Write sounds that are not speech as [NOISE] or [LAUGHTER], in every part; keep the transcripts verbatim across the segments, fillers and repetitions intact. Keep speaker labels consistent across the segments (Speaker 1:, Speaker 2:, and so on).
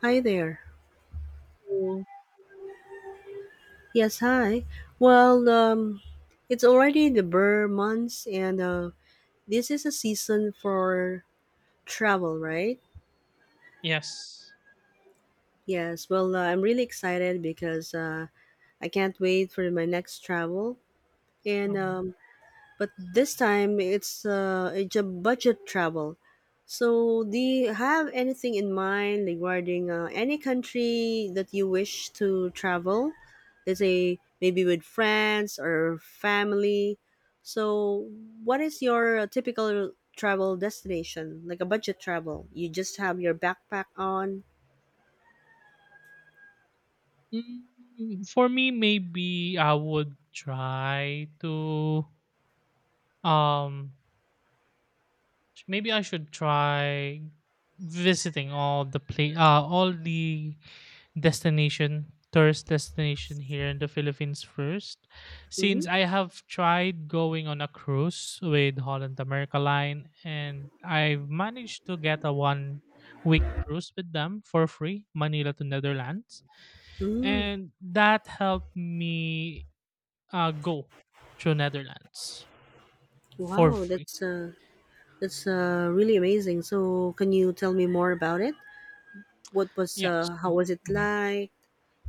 Speaker 1: Hi there.
Speaker 2: So
Speaker 1: Yes, hi. Well, um, it's already the burr months, and uh, this is a season for travel, right?
Speaker 2: yes.
Speaker 1: Yes. Well, uh, I'm really excited because uh, I can't wait for my next travel, and
Speaker 2: Mhm.
Speaker 1: um, but this time it's uh, it's a budget travel. So, do you have anything in mind regarding uh, any country that you wish to travel? Let's say maybe with friends or family. So, what is your uh, typical travel destination? Like a budget travel, you just have your backpack on.
Speaker 2: Mm, for me, maybe I would try to um maybe I should try visiting all the play uh all the destination tourist destination here in the Philippines first,
Speaker 1: Mm-hmm.
Speaker 2: since I have tried going on a cruise with Holland America Line and I've managed to get a one week cruise with them for free, Manila to Netherlands,
Speaker 1: Mm.
Speaker 2: and that helped me uh go to Netherlands for
Speaker 1: Wow,
Speaker 2: free.
Speaker 1: that's uh, that's uh, really amazing. So, can you tell me more about it? What was
Speaker 2: Yes.
Speaker 1: uh, How was it like?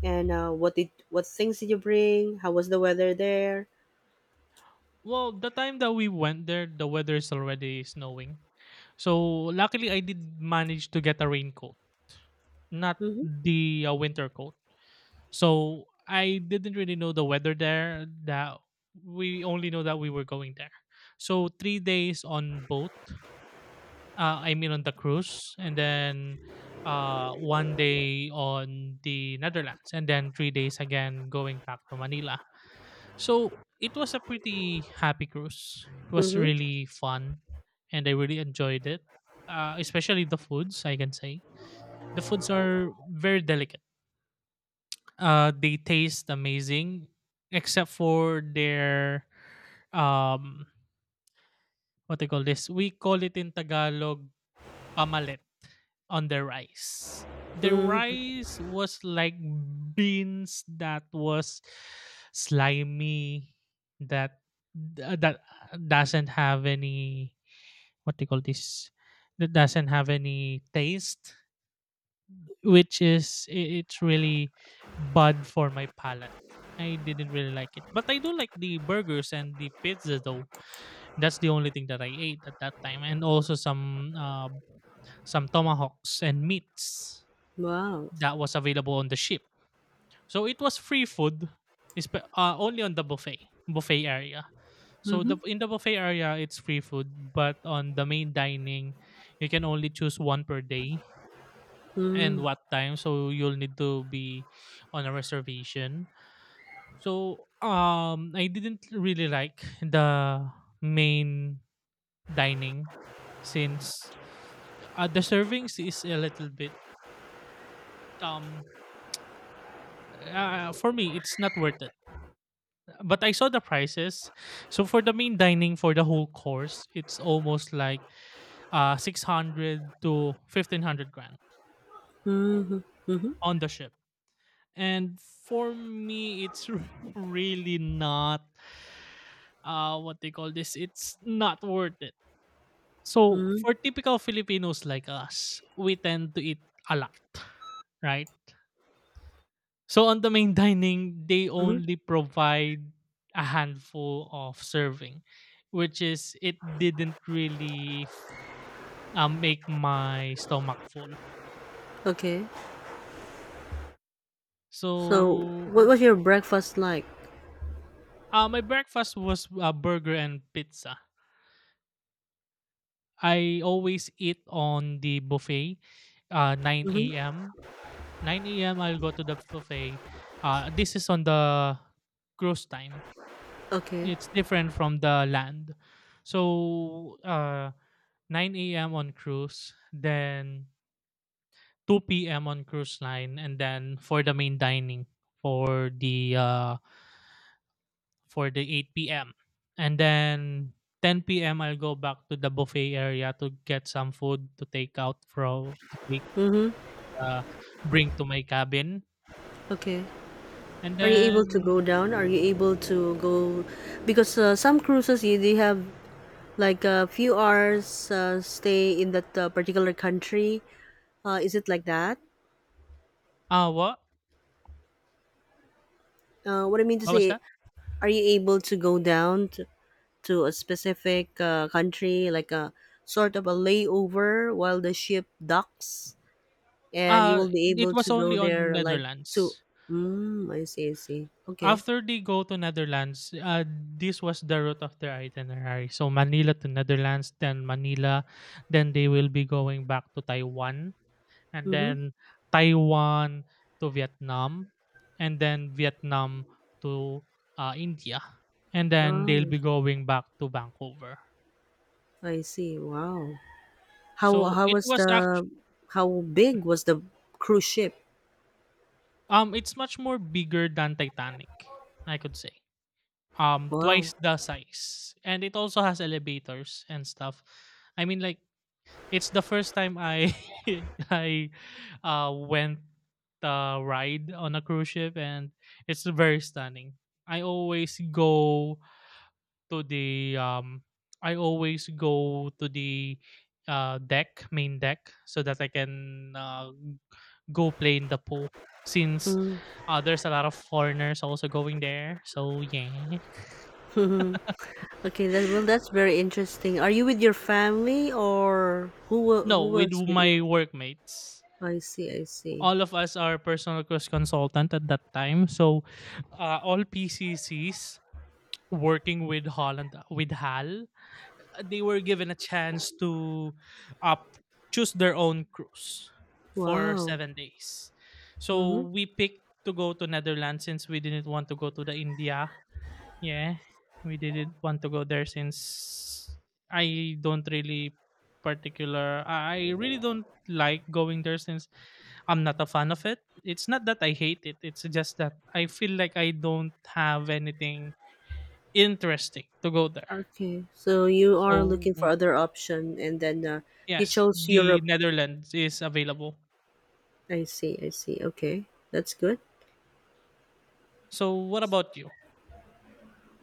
Speaker 1: And uh, what did what things did you bring? How was the weather there?
Speaker 2: Well, the time that we went there, the weather is already snowing. So luckily, I did manage to get a raincoat, not
Speaker 1: Mhm.
Speaker 2: the uh, winter coat. So I didn't really know the weather there. That we only know that we were going there. So three days on boat. Uh, I mean on the cruise, and then uh, one day on the Netherlands, and then three days again going back to Manila. So it was a pretty happy cruise. It was
Speaker 1: Mhm.
Speaker 2: really fun, and I really enjoyed it. Uh, especially the foods, I can say the foods are very delicate. Uh, they taste amazing, except for their um, what they call this. We call it in Tagalog omelet on the rice. The
Speaker 1: Mm.
Speaker 2: rice was like beans that was slimy, that uh, that doesn't have any, what do you call this? That doesn't have any taste, which is i- it's really bad for my palate. I didn't really like it, but I do like the burgers and the pizza though. That's the only thing that I ate at that time, and also some uh, some tomahawks and meats
Speaker 1: Wow.
Speaker 2: that was available on the ship. So it was free food, espe- uh, only on the buffet buffet area. So the
Speaker 1: Mhm.
Speaker 2: in the buffet area, it's free food, but on the main dining, you can only choose one per day and
Speaker 1: Mm.
Speaker 2: what time. So you'll need to be on a reservation. So um, I didn't really like the main dining, since uh, the servings is a little bit um uh, for me, it's not worth it. But I saw the prices. So for the main dining for the whole course, it's almost like uh, six hundred to fifteen hundred grand
Speaker 1: Mhm. Mhm.
Speaker 2: on the ship. And for me, it's [LAUGHS] really not, uh, what they call this. It's not worth it. So
Speaker 1: Mhm.
Speaker 2: for typical Filipinos like us, we tend to eat a lot, right? So on the main dining, they
Speaker 1: Mhm.
Speaker 2: only provide a handful of serving, which is it didn't really f- uh, make my stomach full.
Speaker 1: Okay. So,
Speaker 2: So
Speaker 1: what
Speaker 2: r-
Speaker 1: was your breakfast like?
Speaker 2: uh, my breakfast was uh, burger and pizza. I always eat on the buffet, uh,
Speaker 1: Mhm.
Speaker 2: nine a m nine a m. I'll go to the buffet. Uh, this is on the cruise time.
Speaker 1: Okay.
Speaker 2: It's different from the land. So uh, nine a m on cruise, then two p m on cruise line, and then for the main dining for the uh for the eight p m. And then ten p m. I'll go back to the buffet area to get some food to take out, from to take uh, bring to my cabin.
Speaker 1: Okay.
Speaker 2: And
Speaker 1: Are you able to go
Speaker 2: then
Speaker 1: down? Are you able to go? Because uh, some cruises, you they have like a few hours uh, stay in that uh, particular country. Uh, is it like that?
Speaker 2: uh what?
Speaker 1: Uh, what I mean to
Speaker 2: What was
Speaker 1: say,
Speaker 2: that?
Speaker 1: are you able to go down to, to a specific uh, country, like a sort of a layover while the ship docks, and you
Speaker 2: Uh
Speaker 1: will be
Speaker 2: it
Speaker 1: able to
Speaker 2: was
Speaker 1: go
Speaker 2: only on
Speaker 1: there like to.
Speaker 2: Netherlands.
Speaker 1: Mm, I see. I see. Okay.
Speaker 2: After they go to Netherlands, uh, this was the route of their itinerary. So Manila to Netherlands, then Manila, then they will be going back to Taiwan, and
Speaker 1: Mm-hmm.
Speaker 2: then Taiwan to Vietnam, and then Vietnam to uh, India, and then they'll
Speaker 1: Oh,
Speaker 2: be going back to Vancouver.
Speaker 1: I see. Wow. How
Speaker 2: So
Speaker 1: how
Speaker 2: it
Speaker 1: was
Speaker 2: was actually
Speaker 1: the how big was the cruise ship?
Speaker 2: um it's much more bigger than Titanic, I could say. Um, twice
Speaker 1: Wow.
Speaker 2: the size, and it also has elevators and stuff. I mean, like, it's the first time I [LAUGHS] I uh, went uh, ride on a cruise ship, and it's very stunning. I always go to the um, I always go to the uh, deck, main deck, so that I can uh, go play in the pool. Since
Speaker 1: Mm.
Speaker 2: uh, there's a lot of foreigners also going there, so yeah.
Speaker 1: [LAUGHS] Okay. That Well, that's very interesting. Are you with your family or who wa-
Speaker 2: No,
Speaker 1: who
Speaker 2: with
Speaker 1: was with
Speaker 2: my
Speaker 1: you?
Speaker 2: workmates.
Speaker 1: I see. I see.
Speaker 2: All of us are personal cost consultant at that time. So uh, all P C Cs working with Holland with H A L, uh, they were given a chance to uh, choose their own cruise for
Speaker 1: Wow.
Speaker 2: seven days. So
Speaker 1: Mhm.
Speaker 2: we picked to go to Netherlands since we didn't want to go to the India. Yeah, we didn't want to go there since I don't really particular. I really don't like going there since I'm not a fan of it. It's not that I hate it. It's just that I feel like I don't have anything interesting to go there.
Speaker 1: Okay. So you
Speaker 2: So
Speaker 1: are looking for other option and then uh, you
Speaker 2: yes,
Speaker 1: chose
Speaker 2: the
Speaker 1: Europe.
Speaker 2: Netherlands is available.
Speaker 1: I see. I see. Okay. That's good.
Speaker 2: So what about you?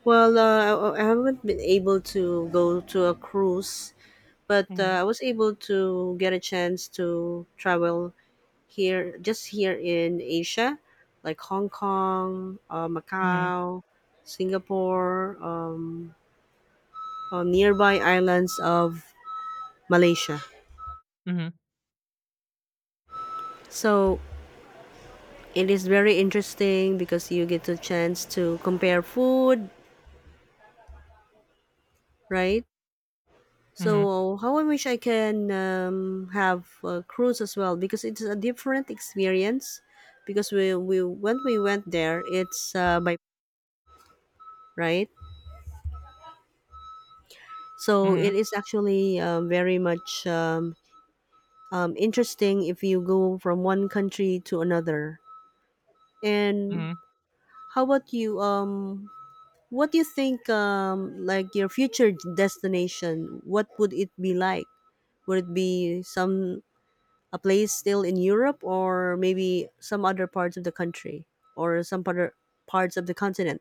Speaker 1: Well, uh, I I haven't been able to go to a cruise, but
Speaker 2: Mm-hmm.
Speaker 1: uh, I was able to get a chance to travel here, just here in Asia, like Hong Kong, uh,
Speaker 2: Mm-hmm.
Speaker 1: Macau, Singapore, um, uh, nearby islands of Malaysia.
Speaker 2: Mm-hmm.
Speaker 1: So it is very interesting because you get a chance to compare food, right?
Speaker 2: Mm-hmm.
Speaker 1: So how I wish I can um, have a cruise as well because it's a different experience. Because we, we when we went there, it's uh, by right. So
Speaker 2: Mm-hmm.
Speaker 1: it is actually um, very much um, um, interesting if you go from one country to another. And
Speaker 2: Mm-hmm.
Speaker 1: how about you? Um, What do you think, um, like your future destination? What would it be like? Would it be some a place still in Europe, or maybe some other parts of the country, or some other parts of the continent?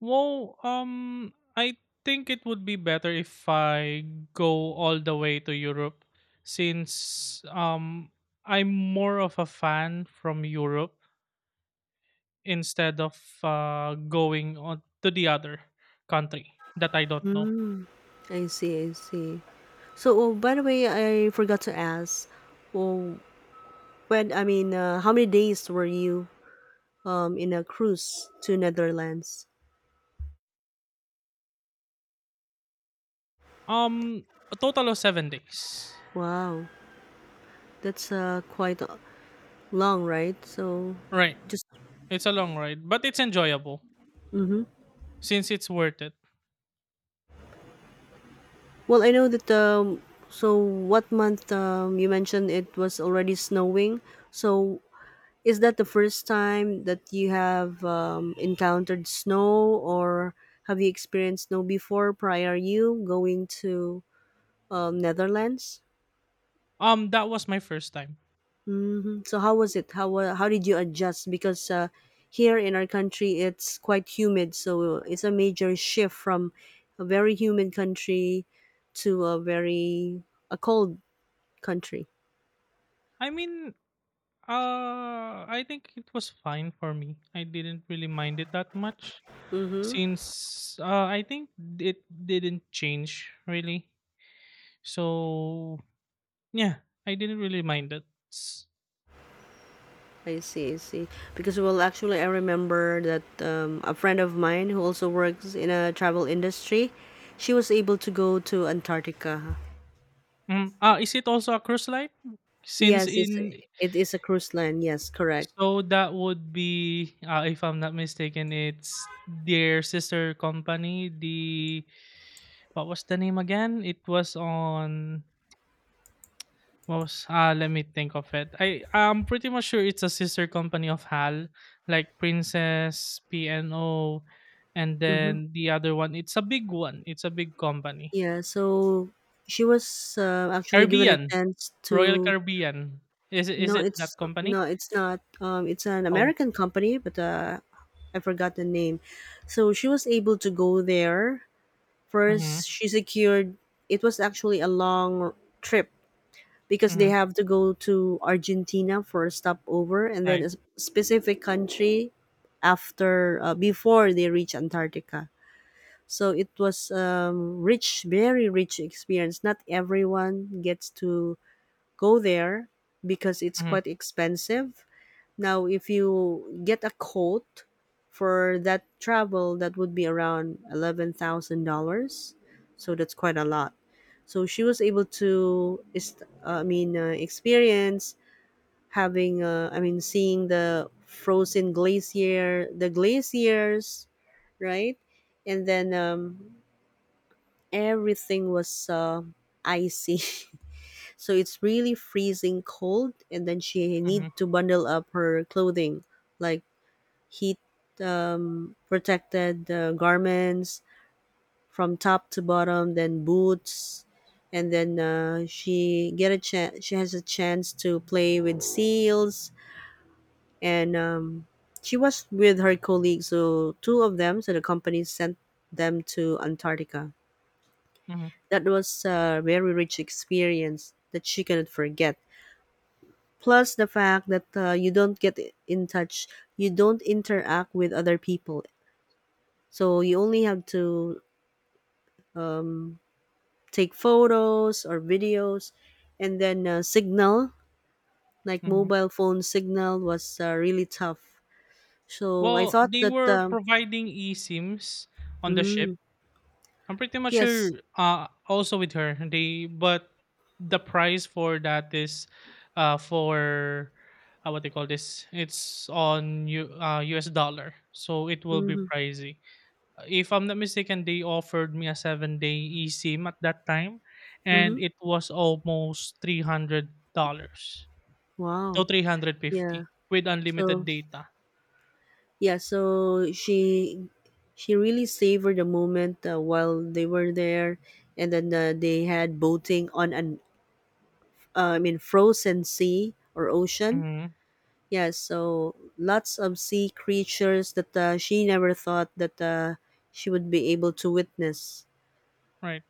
Speaker 2: Well, um, I think it would be better if I go all the way to Europe, since um, I'm more of a fan from Europe instead of uh, going on to the other country that I don't know.
Speaker 1: Mm, I see, I see. So, oh, by the way, I forgot to ask. Oh, when I mean, uh, how many days were you um, in a cruise to Netherlands?
Speaker 2: Um, a total of seven days.
Speaker 1: Wow, that's uh, quite uh, long, right? So,
Speaker 2: Right,
Speaker 1: just
Speaker 2: it's a long ride, but it's enjoyable
Speaker 1: mhm.
Speaker 2: since it's worth it.
Speaker 1: Well, I know that, um, so what month, um, you mentioned it was already snowing. So is that the first time that you have um, encountered snow, or have you experienced snow before prior you going to um, Netherlands?
Speaker 2: Um, that was my first time.
Speaker 1: Hmm. So how was it? How wa- how did you adjust? Because uh, here in our country, it's quite humid, so it's a major shift from a very humid country to a very a cold country.
Speaker 2: I mean, uh, I think it was fine for me. I didn't really mind it that much,
Speaker 1: Mm-hmm.
Speaker 2: since uh, I think it didn't change really. So yeah, I didn't really mind it. S-
Speaker 1: I see, I see. Because well, actually, I remember that um, a friend of mine who also works in a travel industry, she was able to go to Antarctica.
Speaker 2: Mm, ah, is it also a cruise line? Since
Speaker 1: Yes, it's
Speaker 2: in
Speaker 1: it is a cruise line. Yes, correct.
Speaker 2: So that would be, uh, if I'm not mistaken, it's their sister company. The what was the name again? It was on what was ah? Let me think of it. I I'm pretty much sure it's a sister company of H A L, like Princess P N O, and
Speaker 1: Mm-hmm.
Speaker 2: then the other one. It's a big one. It's a big company.
Speaker 1: Yeah. So she was uh, actually given a
Speaker 2: Caribbean
Speaker 1: chance
Speaker 2: Royal
Speaker 1: to.
Speaker 2: Caribbean. Is it- is
Speaker 1: No,
Speaker 2: it that
Speaker 1: it's no,
Speaker 2: company?
Speaker 1: it's not. Um, it's an
Speaker 2: Oh.
Speaker 1: American company, but uh, I forgot the name. So she was able to go there.
Speaker 2: Mm-hmm.
Speaker 1: First, she secured it was actually a long trip because they
Speaker 2: Mhm,
Speaker 1: have to go to Argentina for a stopover and then a
Speaker 2: right.
Speaker 1: s- specific country after uh, before they reach Antarctica. So it was um, rich, very rich experience. Not everyone gets to go there because it's
Speaker 2: Mhm,
Speaker 1: quite expensive. Now, if you get a quote for that travel, that would be around eleven thousand dollars. So that's quite a lot. So she was able to, is- I mean, uh, experience having, uh, I mean, seeing the frozen glacier, the glaciers, right? And then um, everything was uh, icy. [LAUGHS] So it's really freezing cold. And then she need
Speaker 2: mhm,
Speaker 1: to bundle up her clothing, like heat um, protected uh, garments from top to bottom, then boots, and then uh, she get a chance. She has a chance to play with seals, and um, she was with her colleagues. So two of them, so the company sent them to Antarctica.
Speaker 2: mhm,
Speaker 1: That was a very rich experience that she cannot forget. Plus the fact that uh, you don't get in touch, you don't interact with other people. So you only have to um, take photos or videos and then uh, signal, like
Speaker 2: mhm.
Speaker 1: mobile phone signal was uh, really tough. So I
Speaker 2: Well,
Speaker 1: thought
Speaker 2: they
Speaker 1: that
Speaker 2: were
Speaker 1: um,
Speaker 2: providing eSIMs on the ship.
Speaker 1: mm,
Speaker 2: I'm pretty much sure
Speaker 1: yes.
Speaker 2: uh also with her. They but the price for that is uh for uh, what they call this. It's on U uh U S dollar. So it will be
Speaker 1: Mm-hmm,
Speaker 2: pricey. Uh, If I'm not mistaken, they offered me a seven day eSIM at that time and
Speaker 1: mm-hmm.
Speaker 2: it was almost three hundred dollars to
Speaker 1: Wow. Yeah.
Speaker 2: three hundred fifty with unlimited
Speaker 1: So
Speaker 2: data.
Speaker 1: yeah, so she she really savored the moment uh, while they were there, and then uh, they had boating on an uh, I mean, frozen sea or ocean.
Speaker 2: Mhm,
Speaker 1: Yes, so lots of sea creatures that uh, she never thought that uh, she would be able to witness.
Speaker 2: right.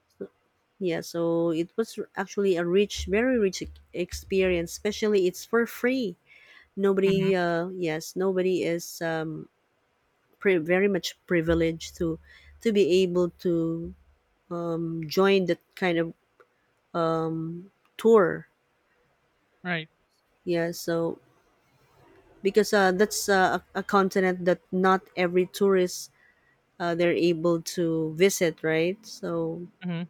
Speaker 1: Yeah, so it was r- actually a rich, very rich ex- experience. Especially, it's for free.
Speaker 2: Mhm,
Speaker 1: Nobody, uh, yes, nobody is um, pri very much privileged to to be able to um, join that kind of tour.
Speaker 2: right.
Speaker 1: Yeah, so because uh, that's uh, a, a continent that not every tourist uh, they're able to visit, right? So
Speaker 2: Mhm,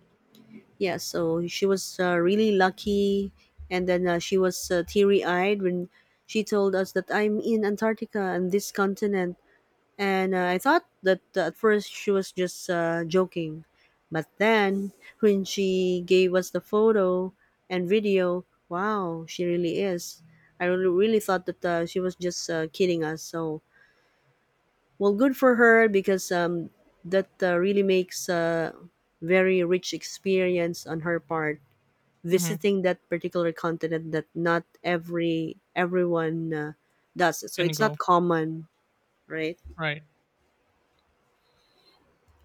Speaker 1: yeah, so she was uh, really lucky, and then uh, she was uh, teary-eyed when she told us that I'm in Antarctica and this continent, and uh, I thought that uh, at first she was just uh, joking, but then when she gave us the photo and video, wow, she really is. I really really thought that uh, she was just uh, kidding us. So well, good for her because um, that uh, really makes a very rich experience on her part
Speaker 2: mhm,
Speaker 1: visiting that particular continent that not every everyone uh, does. So
Speaker 2: can
Speaker 1: it's not
Speaker 2: go.
Speaker 1: common, right?
Speaker 2: Right.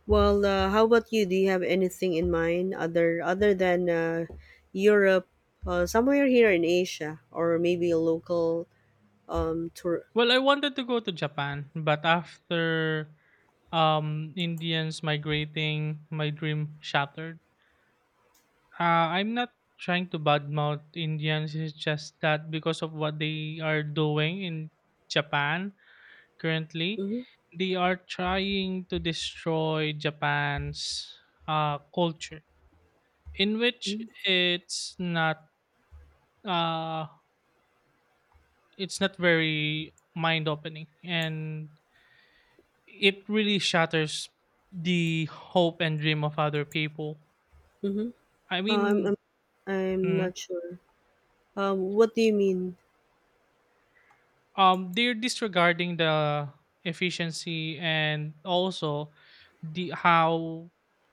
Speaker 1: Well, uh, how about you? Do you have anything in mind other other than uh, Europe, uh, somewhere here in Asia, or maybe a local um, tour?
Speaker 2: Well, I wanted to go to Japan, but after um Indians migrating, my dream shattered. Uh, I'm not trying to badmouth Indians. It's just that because of what they are doing in Japan currently,
Speaker 1: Mm-hmm,
Speaker 2: they are trying to destroy Japan's uh, culture, in which
Speaker 1: mm-hmm,
Speaker 2: it's not uh, it's not very mind opening, and it really shatters the hope and dream of other people.
Speaker 1: mm-hmm.
Speaker 2: I
Speaker 1: Uh, I'm,
Speaker 2: mean.
Speaker 1: I'm I'm
Speaker 2: Mhm.
Speaker 1: not sure. Um, what do you mean?
Speaker 2: um they're disregarding the efficiency and also the how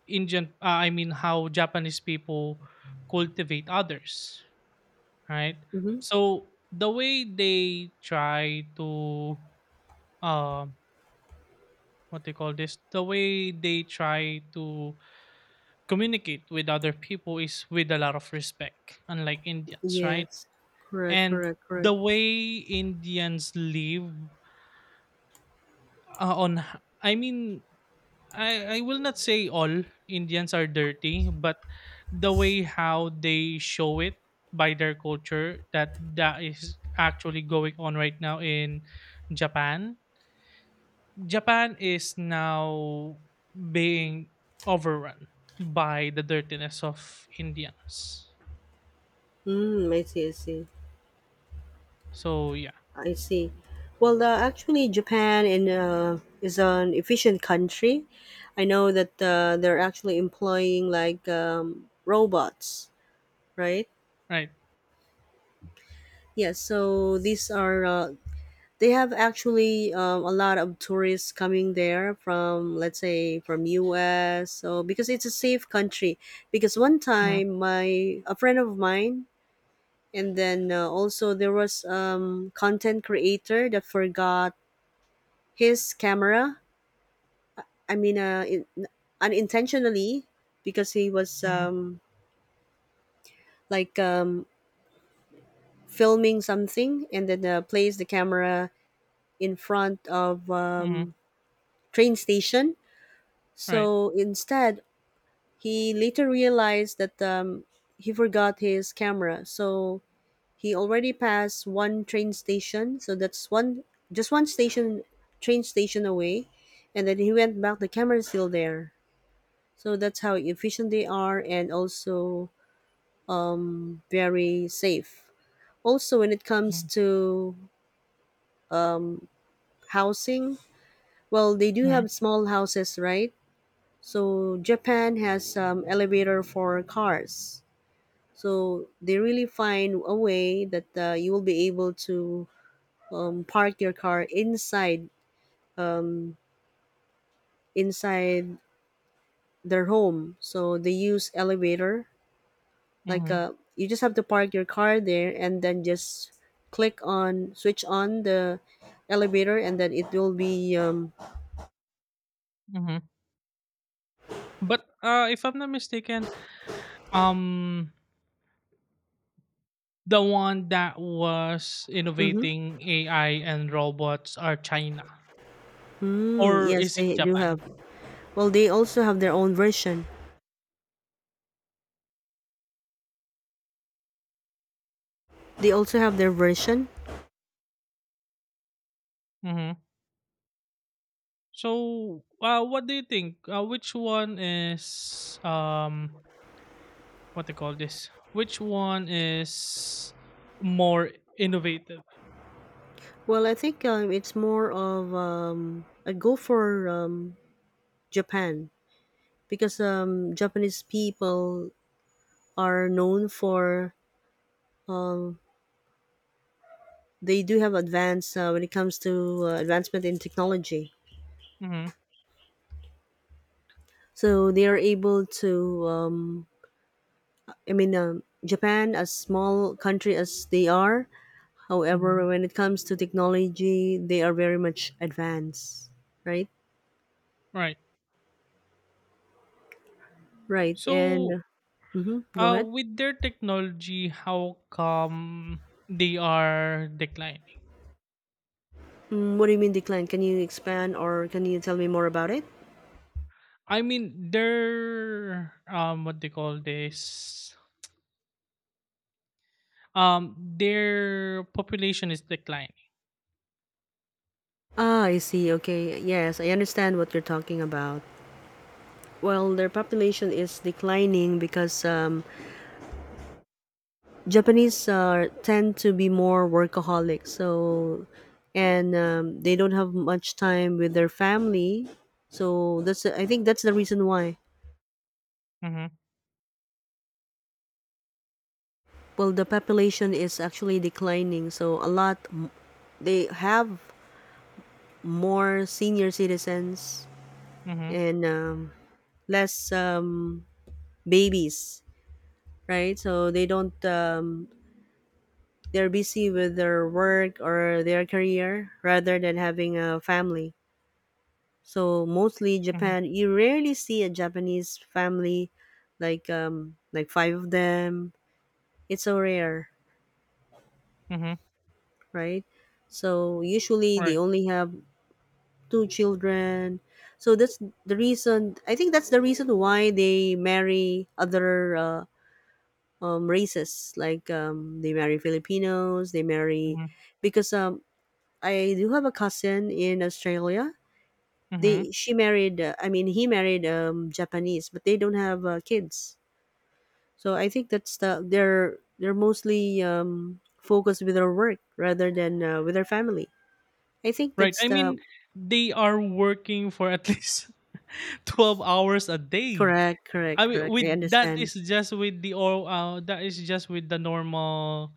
Speaker 2: indian uh, I mean how Japanese people cultivate others, right?
Speaker 1: Mm-hmm.
Speaker 2: So the way they try to um what they call this the way they try to communicate with other people is with a lot of respect, unlike Indians, right?
Speaker 1: Yes, correct,
Speaker 2: And
Speaker 1: correct, correct.
Speaker 2: the way Indians live uh, on h- I mean, I I will not say all Indians are dirty, but the way how they show it by their culture, that that is actually going on right now in Japan. Japan is now being overrun by the dirtiness of Indians.
Speaker 1: Mm, I see, I see,
Speaker 2: So yeah,
Speaker 1: I see. Well, uh, actually, Japan in, uh, is an efficient country. I know that uh, they're actually employing like um, robots, right?
Speaker 2: right.
Speaker 1: Yes, so these are, uh, they have actually um, a lot of tourists coming there from, let's say, from U S. So, because it's a safe country. Because one
Speaker 2: Mm-hmm,
Speaker 1: time, my, a friend of mine, and then uh, also there was um content creator that forgot his camera, I mean, uh in, unintentionally, because he was
Speaker 2: mm-hmm,
Speaker 1: um like um filming something and then uh, placed the camera in front of
Speaker 2: mm-hmm,
Speaker 1: um train station.
Speaker 2: right.
Speaker 1: So instead, he later realized that um he forgot his camera. So he already passed one train station, so that's one just one station train station away. And then he went back, the camera's still there. So that's how efficient they are, and also um, very safe. Also when it comes
Speaker 2: Mm-hmm,
Speaker 1: to um, housing, well, they do
Speaker 2: mm-hmm,
Speaker 1: have small houses, right? So Japan has um, elevator for cars. So they really find a way that uh, you will be able to um, park your car inside inside their home. So they use elevator. Like
Speaker 2: mm-hmm.
Speaker 1: uh, you just have to park your car there and then just click on switch on the elevator, and then it will be, um
Speaker 2: Mm-hmm. But uh, if I'm not mistaken, um the one that was
Speaker 1: mm-hmm.
Speaker 2: innovating A I and robots are China.
Speaker 1: Mm,
Speaker 2: Or
Speaker 1: yes,
Speaker 2: is it
Speaker 1: they do have.
Speaker 2: Japan?
Speaker 1: Well, they also have their own version, they also have their version.
Speaker 2: Mm-hmm. So, uh, what do you think? Uh, which one is um, what they call this? Which one is more innovative?
Speaker 1: Well, I think um, it's more of um I go for um Japan, because um Japanese people are known for um, they do have advanced uh, when it comes to uh, advancement in technology.
Speaker 2: Mm-hmm.
Speaker 1: So they are able to. Um, I mean, um, Japan, as small country as they are,
Speaker 2: Mm-hmm.
Speaker 1: however, when it comes to technology, they are very much advanced, right?
Speaker 2: Right.
Speaker 1: Right,
Speaker 2: So,
Speaker 1: and mm-hmm, go
Speaker 2: uh
Speaker 1: ahead.
Speaker 2: with their technology, how come they are declining?
Speaker 1: Mm, what do you mean decline? Can you expand or can you tell me more about it?
Speaker 2: I mean their, um what they call this um their population is declining.
Speaker 1: Ah, I see. Okay. Yes, I understand what you're talking about. Well, their population is declining because um, Japanese are tend to be more workaholic, so, and um, they don't have much time with their family. So that's I think that's the reason why.
Speaker 2: Mm-hmm,
Speaker 1: Well, the population is actually declining, so a lot m- they have more senior citizens
Speaker 2: mm-hmm,
Speaker 1: and um, less um, babies, right? So they don't. Um, they're busy with their work or their career rather than having a family. So mostly
Speaker 2: mm-hmm,
Speaker 1: Japan, you rarely see a Japanese family like um like five of them. It's so rare,
Speaker 2: mm-hmm,
Speaker 1: right? So usually they
Speaker 2: right.
Speaker 1: only have two children. So that's the reason. I think that's the reason why they marry other uh, um, races. Like um, they marry Filipinos. They marry
Speaker 2: Mm-hmm,
Speaker 1: because um, I do have a cousin in Australia.
Speaker 2: mm-hmm,
Speaker 1: They she married. Uh, I mean, he married um, Japanese, but they don't have uh, kids. So I think that's the they're they're mostly um, focused with their work rather than uh, with their family. I think
Speaker 2: right.
Speaker 1: that's
Speaker 2: I
Speaker 1: the
Speaker 2: mean they are working for at least [LAUGHS] twelve hours a day.
Speaker 1: correct, correct,
Speaker 2: I mean
Speaker 1: correct.
Speaker 2: with
Speaker 1: I
Speaker 2: that
Speaker 1: understand.
Speaker 2: is just with the or uh that is just with the normal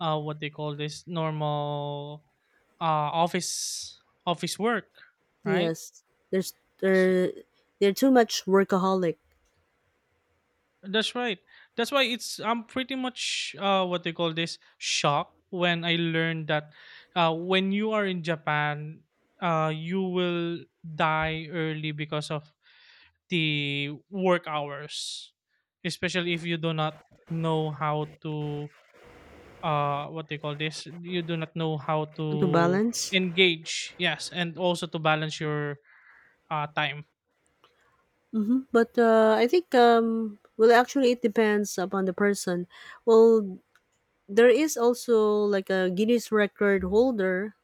Speaker 2: uh what they call this normal uh office office work, right?
Speaker 1: Yes, there's
Speaker 2: S-
Speaker 1: there they're too much workaholic.
Speaker 2: that's right. That's why it's I'm pretty much, uh what they call this shocked when I learned that uh when you are in Japan, uh you will die early because of the work hours, especially if you do not know how to, uh what they call this you do not know how
Speaker 1: How to
Speaker 2: to
Speaker 1: balance.
Speaker 2: engage, yes, and also to balance your uh time.
Speaker 1: Mm-hmm. But uh, I think um, well, actually, it depends upon the person. Well, there is also like a Guinness record holder,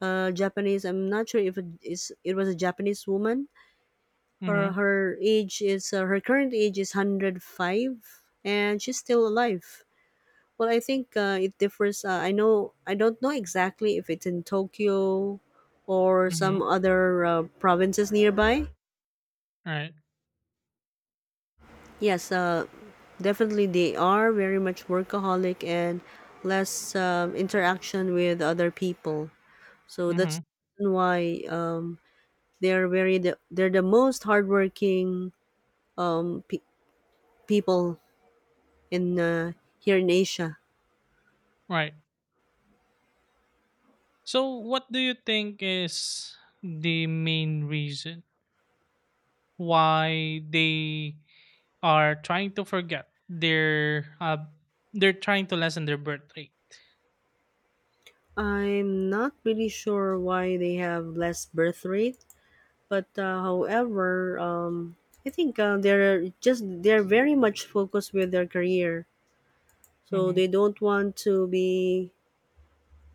Speaker 1: uh, Japanese. I'm not sure if it is it was a Japanese woman. her
Speaker 2: Mhm,
Speaker 1: her age is uh, her current age is one hundred five and she's still alive. Well, I think uh, it differs. uh, i know I don't know exactly if it's in Tokyo or some
Speaker 2: mhm,
Speaker 1: other uh, provinces nearby.
Speaker 2: right,
Speaker 1: Yes, uh, definitely they are very much workaholic and less um, interaction with other people. So that's
Speaker 2: mhm,
Speaker 1: the reason why um, they're very the, they're the most hardworking um, pe- people in uh, here in Asia.
Speaker 2: right. So, what do you think is the main reason why they are trying to forget their uh, they're trying to lessen their birth rate?
Speaker 1: I'm not really sure why they have less birth rate, but uh, however, um, I think uh, they're just they're very much focused with their career, so
Speaker 2: Mhm,
Speaker 1: they don't want to be.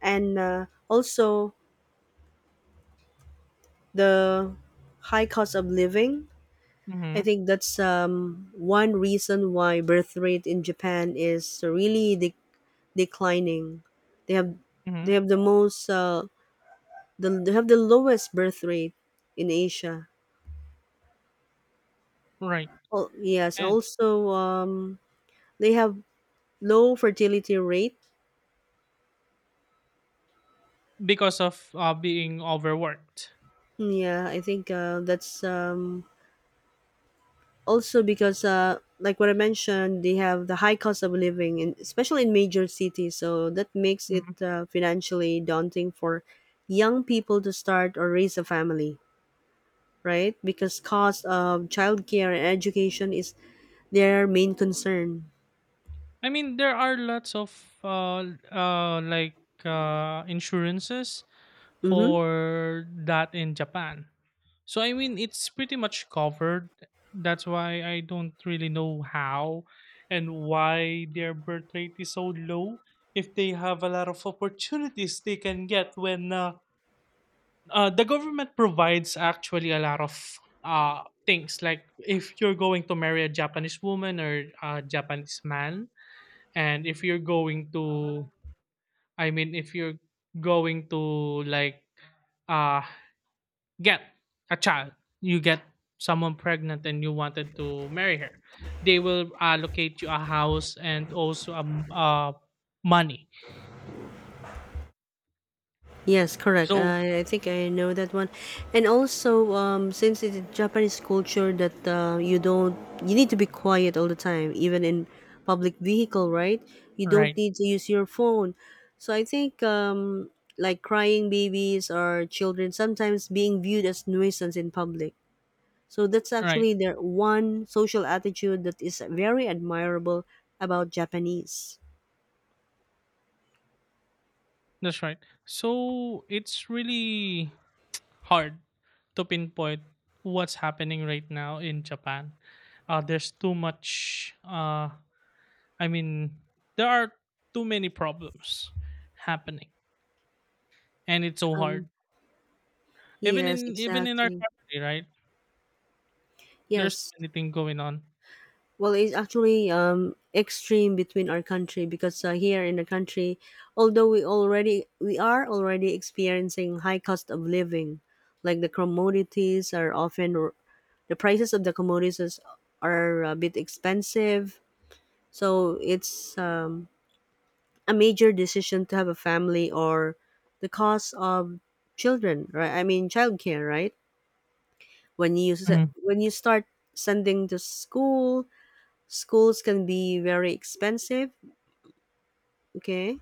Speaker 1: And uh, also the high cost of living. I
Speaker 2: mhm,
Speaker 1: think that's um, one reason why birth rate in Japan is really de- declining. They have
Speaker 2: mhm,
Speaker 1: they have the most uh, the they have the lowest birth rate in Asia.
Speaker 2: right.
Speaker 1: Oh, yes,
Speaker 2: And
Speaker 1: also um, they have low fertility rate.
Speaker 2: because of, uh, being overworked.
Speaker 1: Yeah, I think uh, that's um, also because uh, like what I mentioned, they have the high cost of living, in, especially in major cities. So that makes it
Speaker 2: Mhm.
Speaker 1: uh, financially daunting for young people to start or raise a family, right? Because cost of childcare and education is their main concern.
Speaker 2: I mean, there are lots of uh, uh, like uh, insurances
Speaker 1: Mm-hmm.
Speaker 2: for that in Japan. So I mean, it's pretty much covered. That's why I don't really know how and why their birth rate is so low. If they have a lot of opportunities they can get when uh, uh, the government provides actually a lot of uh, things. Like if you're going to marry a Japanese woman or a Japanese man, and if you're going to, I mean, if you're going to, like, uh, get a child, you get someone pregnant and you wanted to marry her, they will allocate you a house and also um, uh, money.
Speaker 1: Yes, correct. I,
Speaker 2: So,
Speaker 1: I think I know that one. And also, um, since it's a Japanese culture that uh, you don't, you need to be quiet all the time, even in public vehicle, right? You don't
Speaker 2: right,
Speaker 1: need to use your phone. So I think um, like crying babies or children sometimes being viewed as nuisance in public. So that's
Speaker 2: right,
Speaker 1: actually their one social attitude that is very admirable about Japanese.
Speaker 2: that's right. So it's really hard to pinpoint what's happening right now in Japan. Uh, there's too much. Uh, I mean, there are too many problems happening, and it's so
Speaker 1: Um,
Speaker 2: hard. Even in,
Speaker 1: yes,
Speaker 2: even in our
Speaker 1: exactly.
Speaker 2: country, right? There's too
Speaker 1: Yes.
Speaker 2: many things going on.
Speaker 1: Well, it's actually um, extreme between our country because uh, here in the country, although we already we are already experiencing high cost of living, like the commodities are often the prices of the commodities are uh, a bit expensive. So it's um, a major decision to have a family or the cost of children, right? I mean, childcare, right? When you s-
Speaker 2: Mhm.
Speaker 1: when you start sending to school, schools can be very expensive. Okay,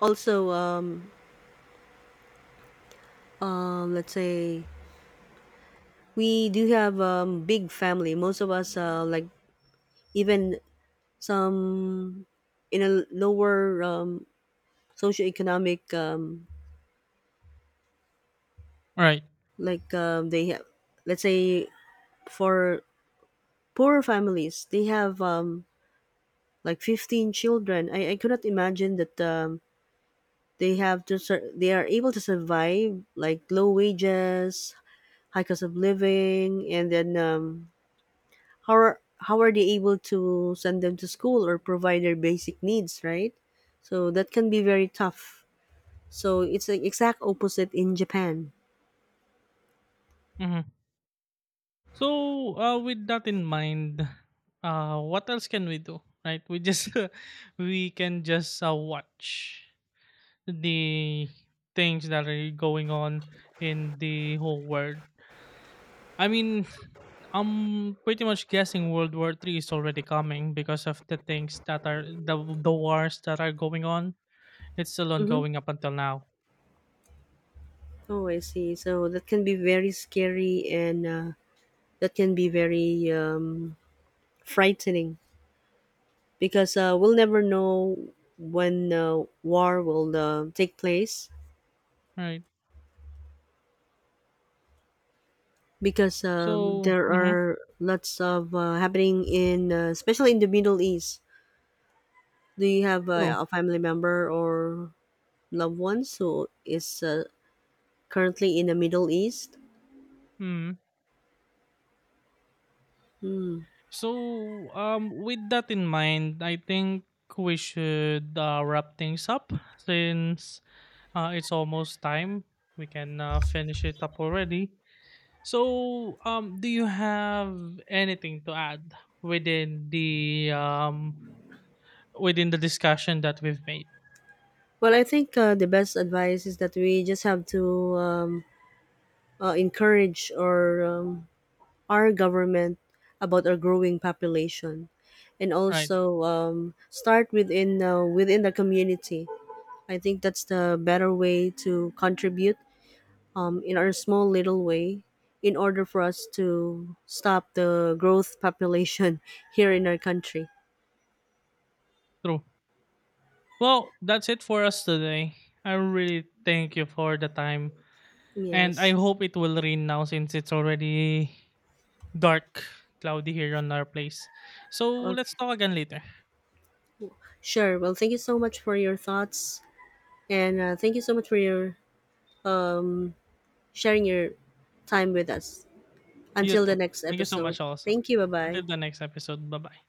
Speaker 1: also um um let's say we do have um big family, most of us uh like even some in a lower um socioeconomic um
Speaker 2: Right.
Speaker 1: like um they have, let's say, for poorer families, they have um like fifteen children. i, I cannot imagine that um they have to sur- they are able to survive like low wages, high cost of living, and then um, how are how are they able to send them to school or provide their basic needs, right? So that can be very tough. So it's the exact opposite in Japan.
Speaker 2: Hmm. So, uh, with that in mind, uh, what else can we do? Right? We just [LAUGHS] we can just uh, watch the things that are going on in the whole world. I mean, I'm pretty much guessing World War Three is already coming because of the things that are the the wars that are going on. It's still
Speaker 1: Mm-hmm.
Speaker 2: ongoing up until now,
Speaker 1: Oh, I see. So that can be very scary and uh, that can be very um, frightening because uh, we'll never know when uh, war will uh, take place
Speaker 2: right?
Speaker 1: because um,
Speaker 2: So,
Speaker 1: there
Speaker 2: mhm,
Speaker 1: are lots of uh, happening in uh, especially in the Middle East. Do you have uh,
Speaker 2: true.
Speaker 1: a family member or loved ones who is uh, currently in the Middle East?
Speaker 2: Mm. So, um, with that in mind, I think we should uh, wrap things up, since uh, it's almost time. We can uh, finish it up already. So, um, do you have anything to add within the um within the discussion that we've made?
Speaker 1: Well, I think uh, the best advice is that we just have to um, uh, encourage or um, our government about our growing population, and
Speaker 2: Right.
Speaker 1: also um, start within uh, within the community. I think that's the better way to contribute um, in our small little way in order for us to stop the growth population [LAUGHS] here in our country.
Speaker 2: True. Well, that's it for us today. I really thank you for the time, and I
Speaker 1: Yes.
Speaker 2: hope it will rain now since it's already dark, cloudy here on our place. So let's
Speaker 1: Okay.
Speaker 2: talk again later.
Speaker 1: Sure. Well, thank you so much for your thoughts and uh, thank you so much for your sharing your time with us.
Speaker 2: You
Speaker 1: Until the
Speaker 2: too.
Speaker 1: next
Speaker 2: Thank you so
Speaker 1: episode.
Speaker 2: much, also.
Speaker 1: Thank you. Bye bye.
Speaker 2: Until the next episode. Bye bye.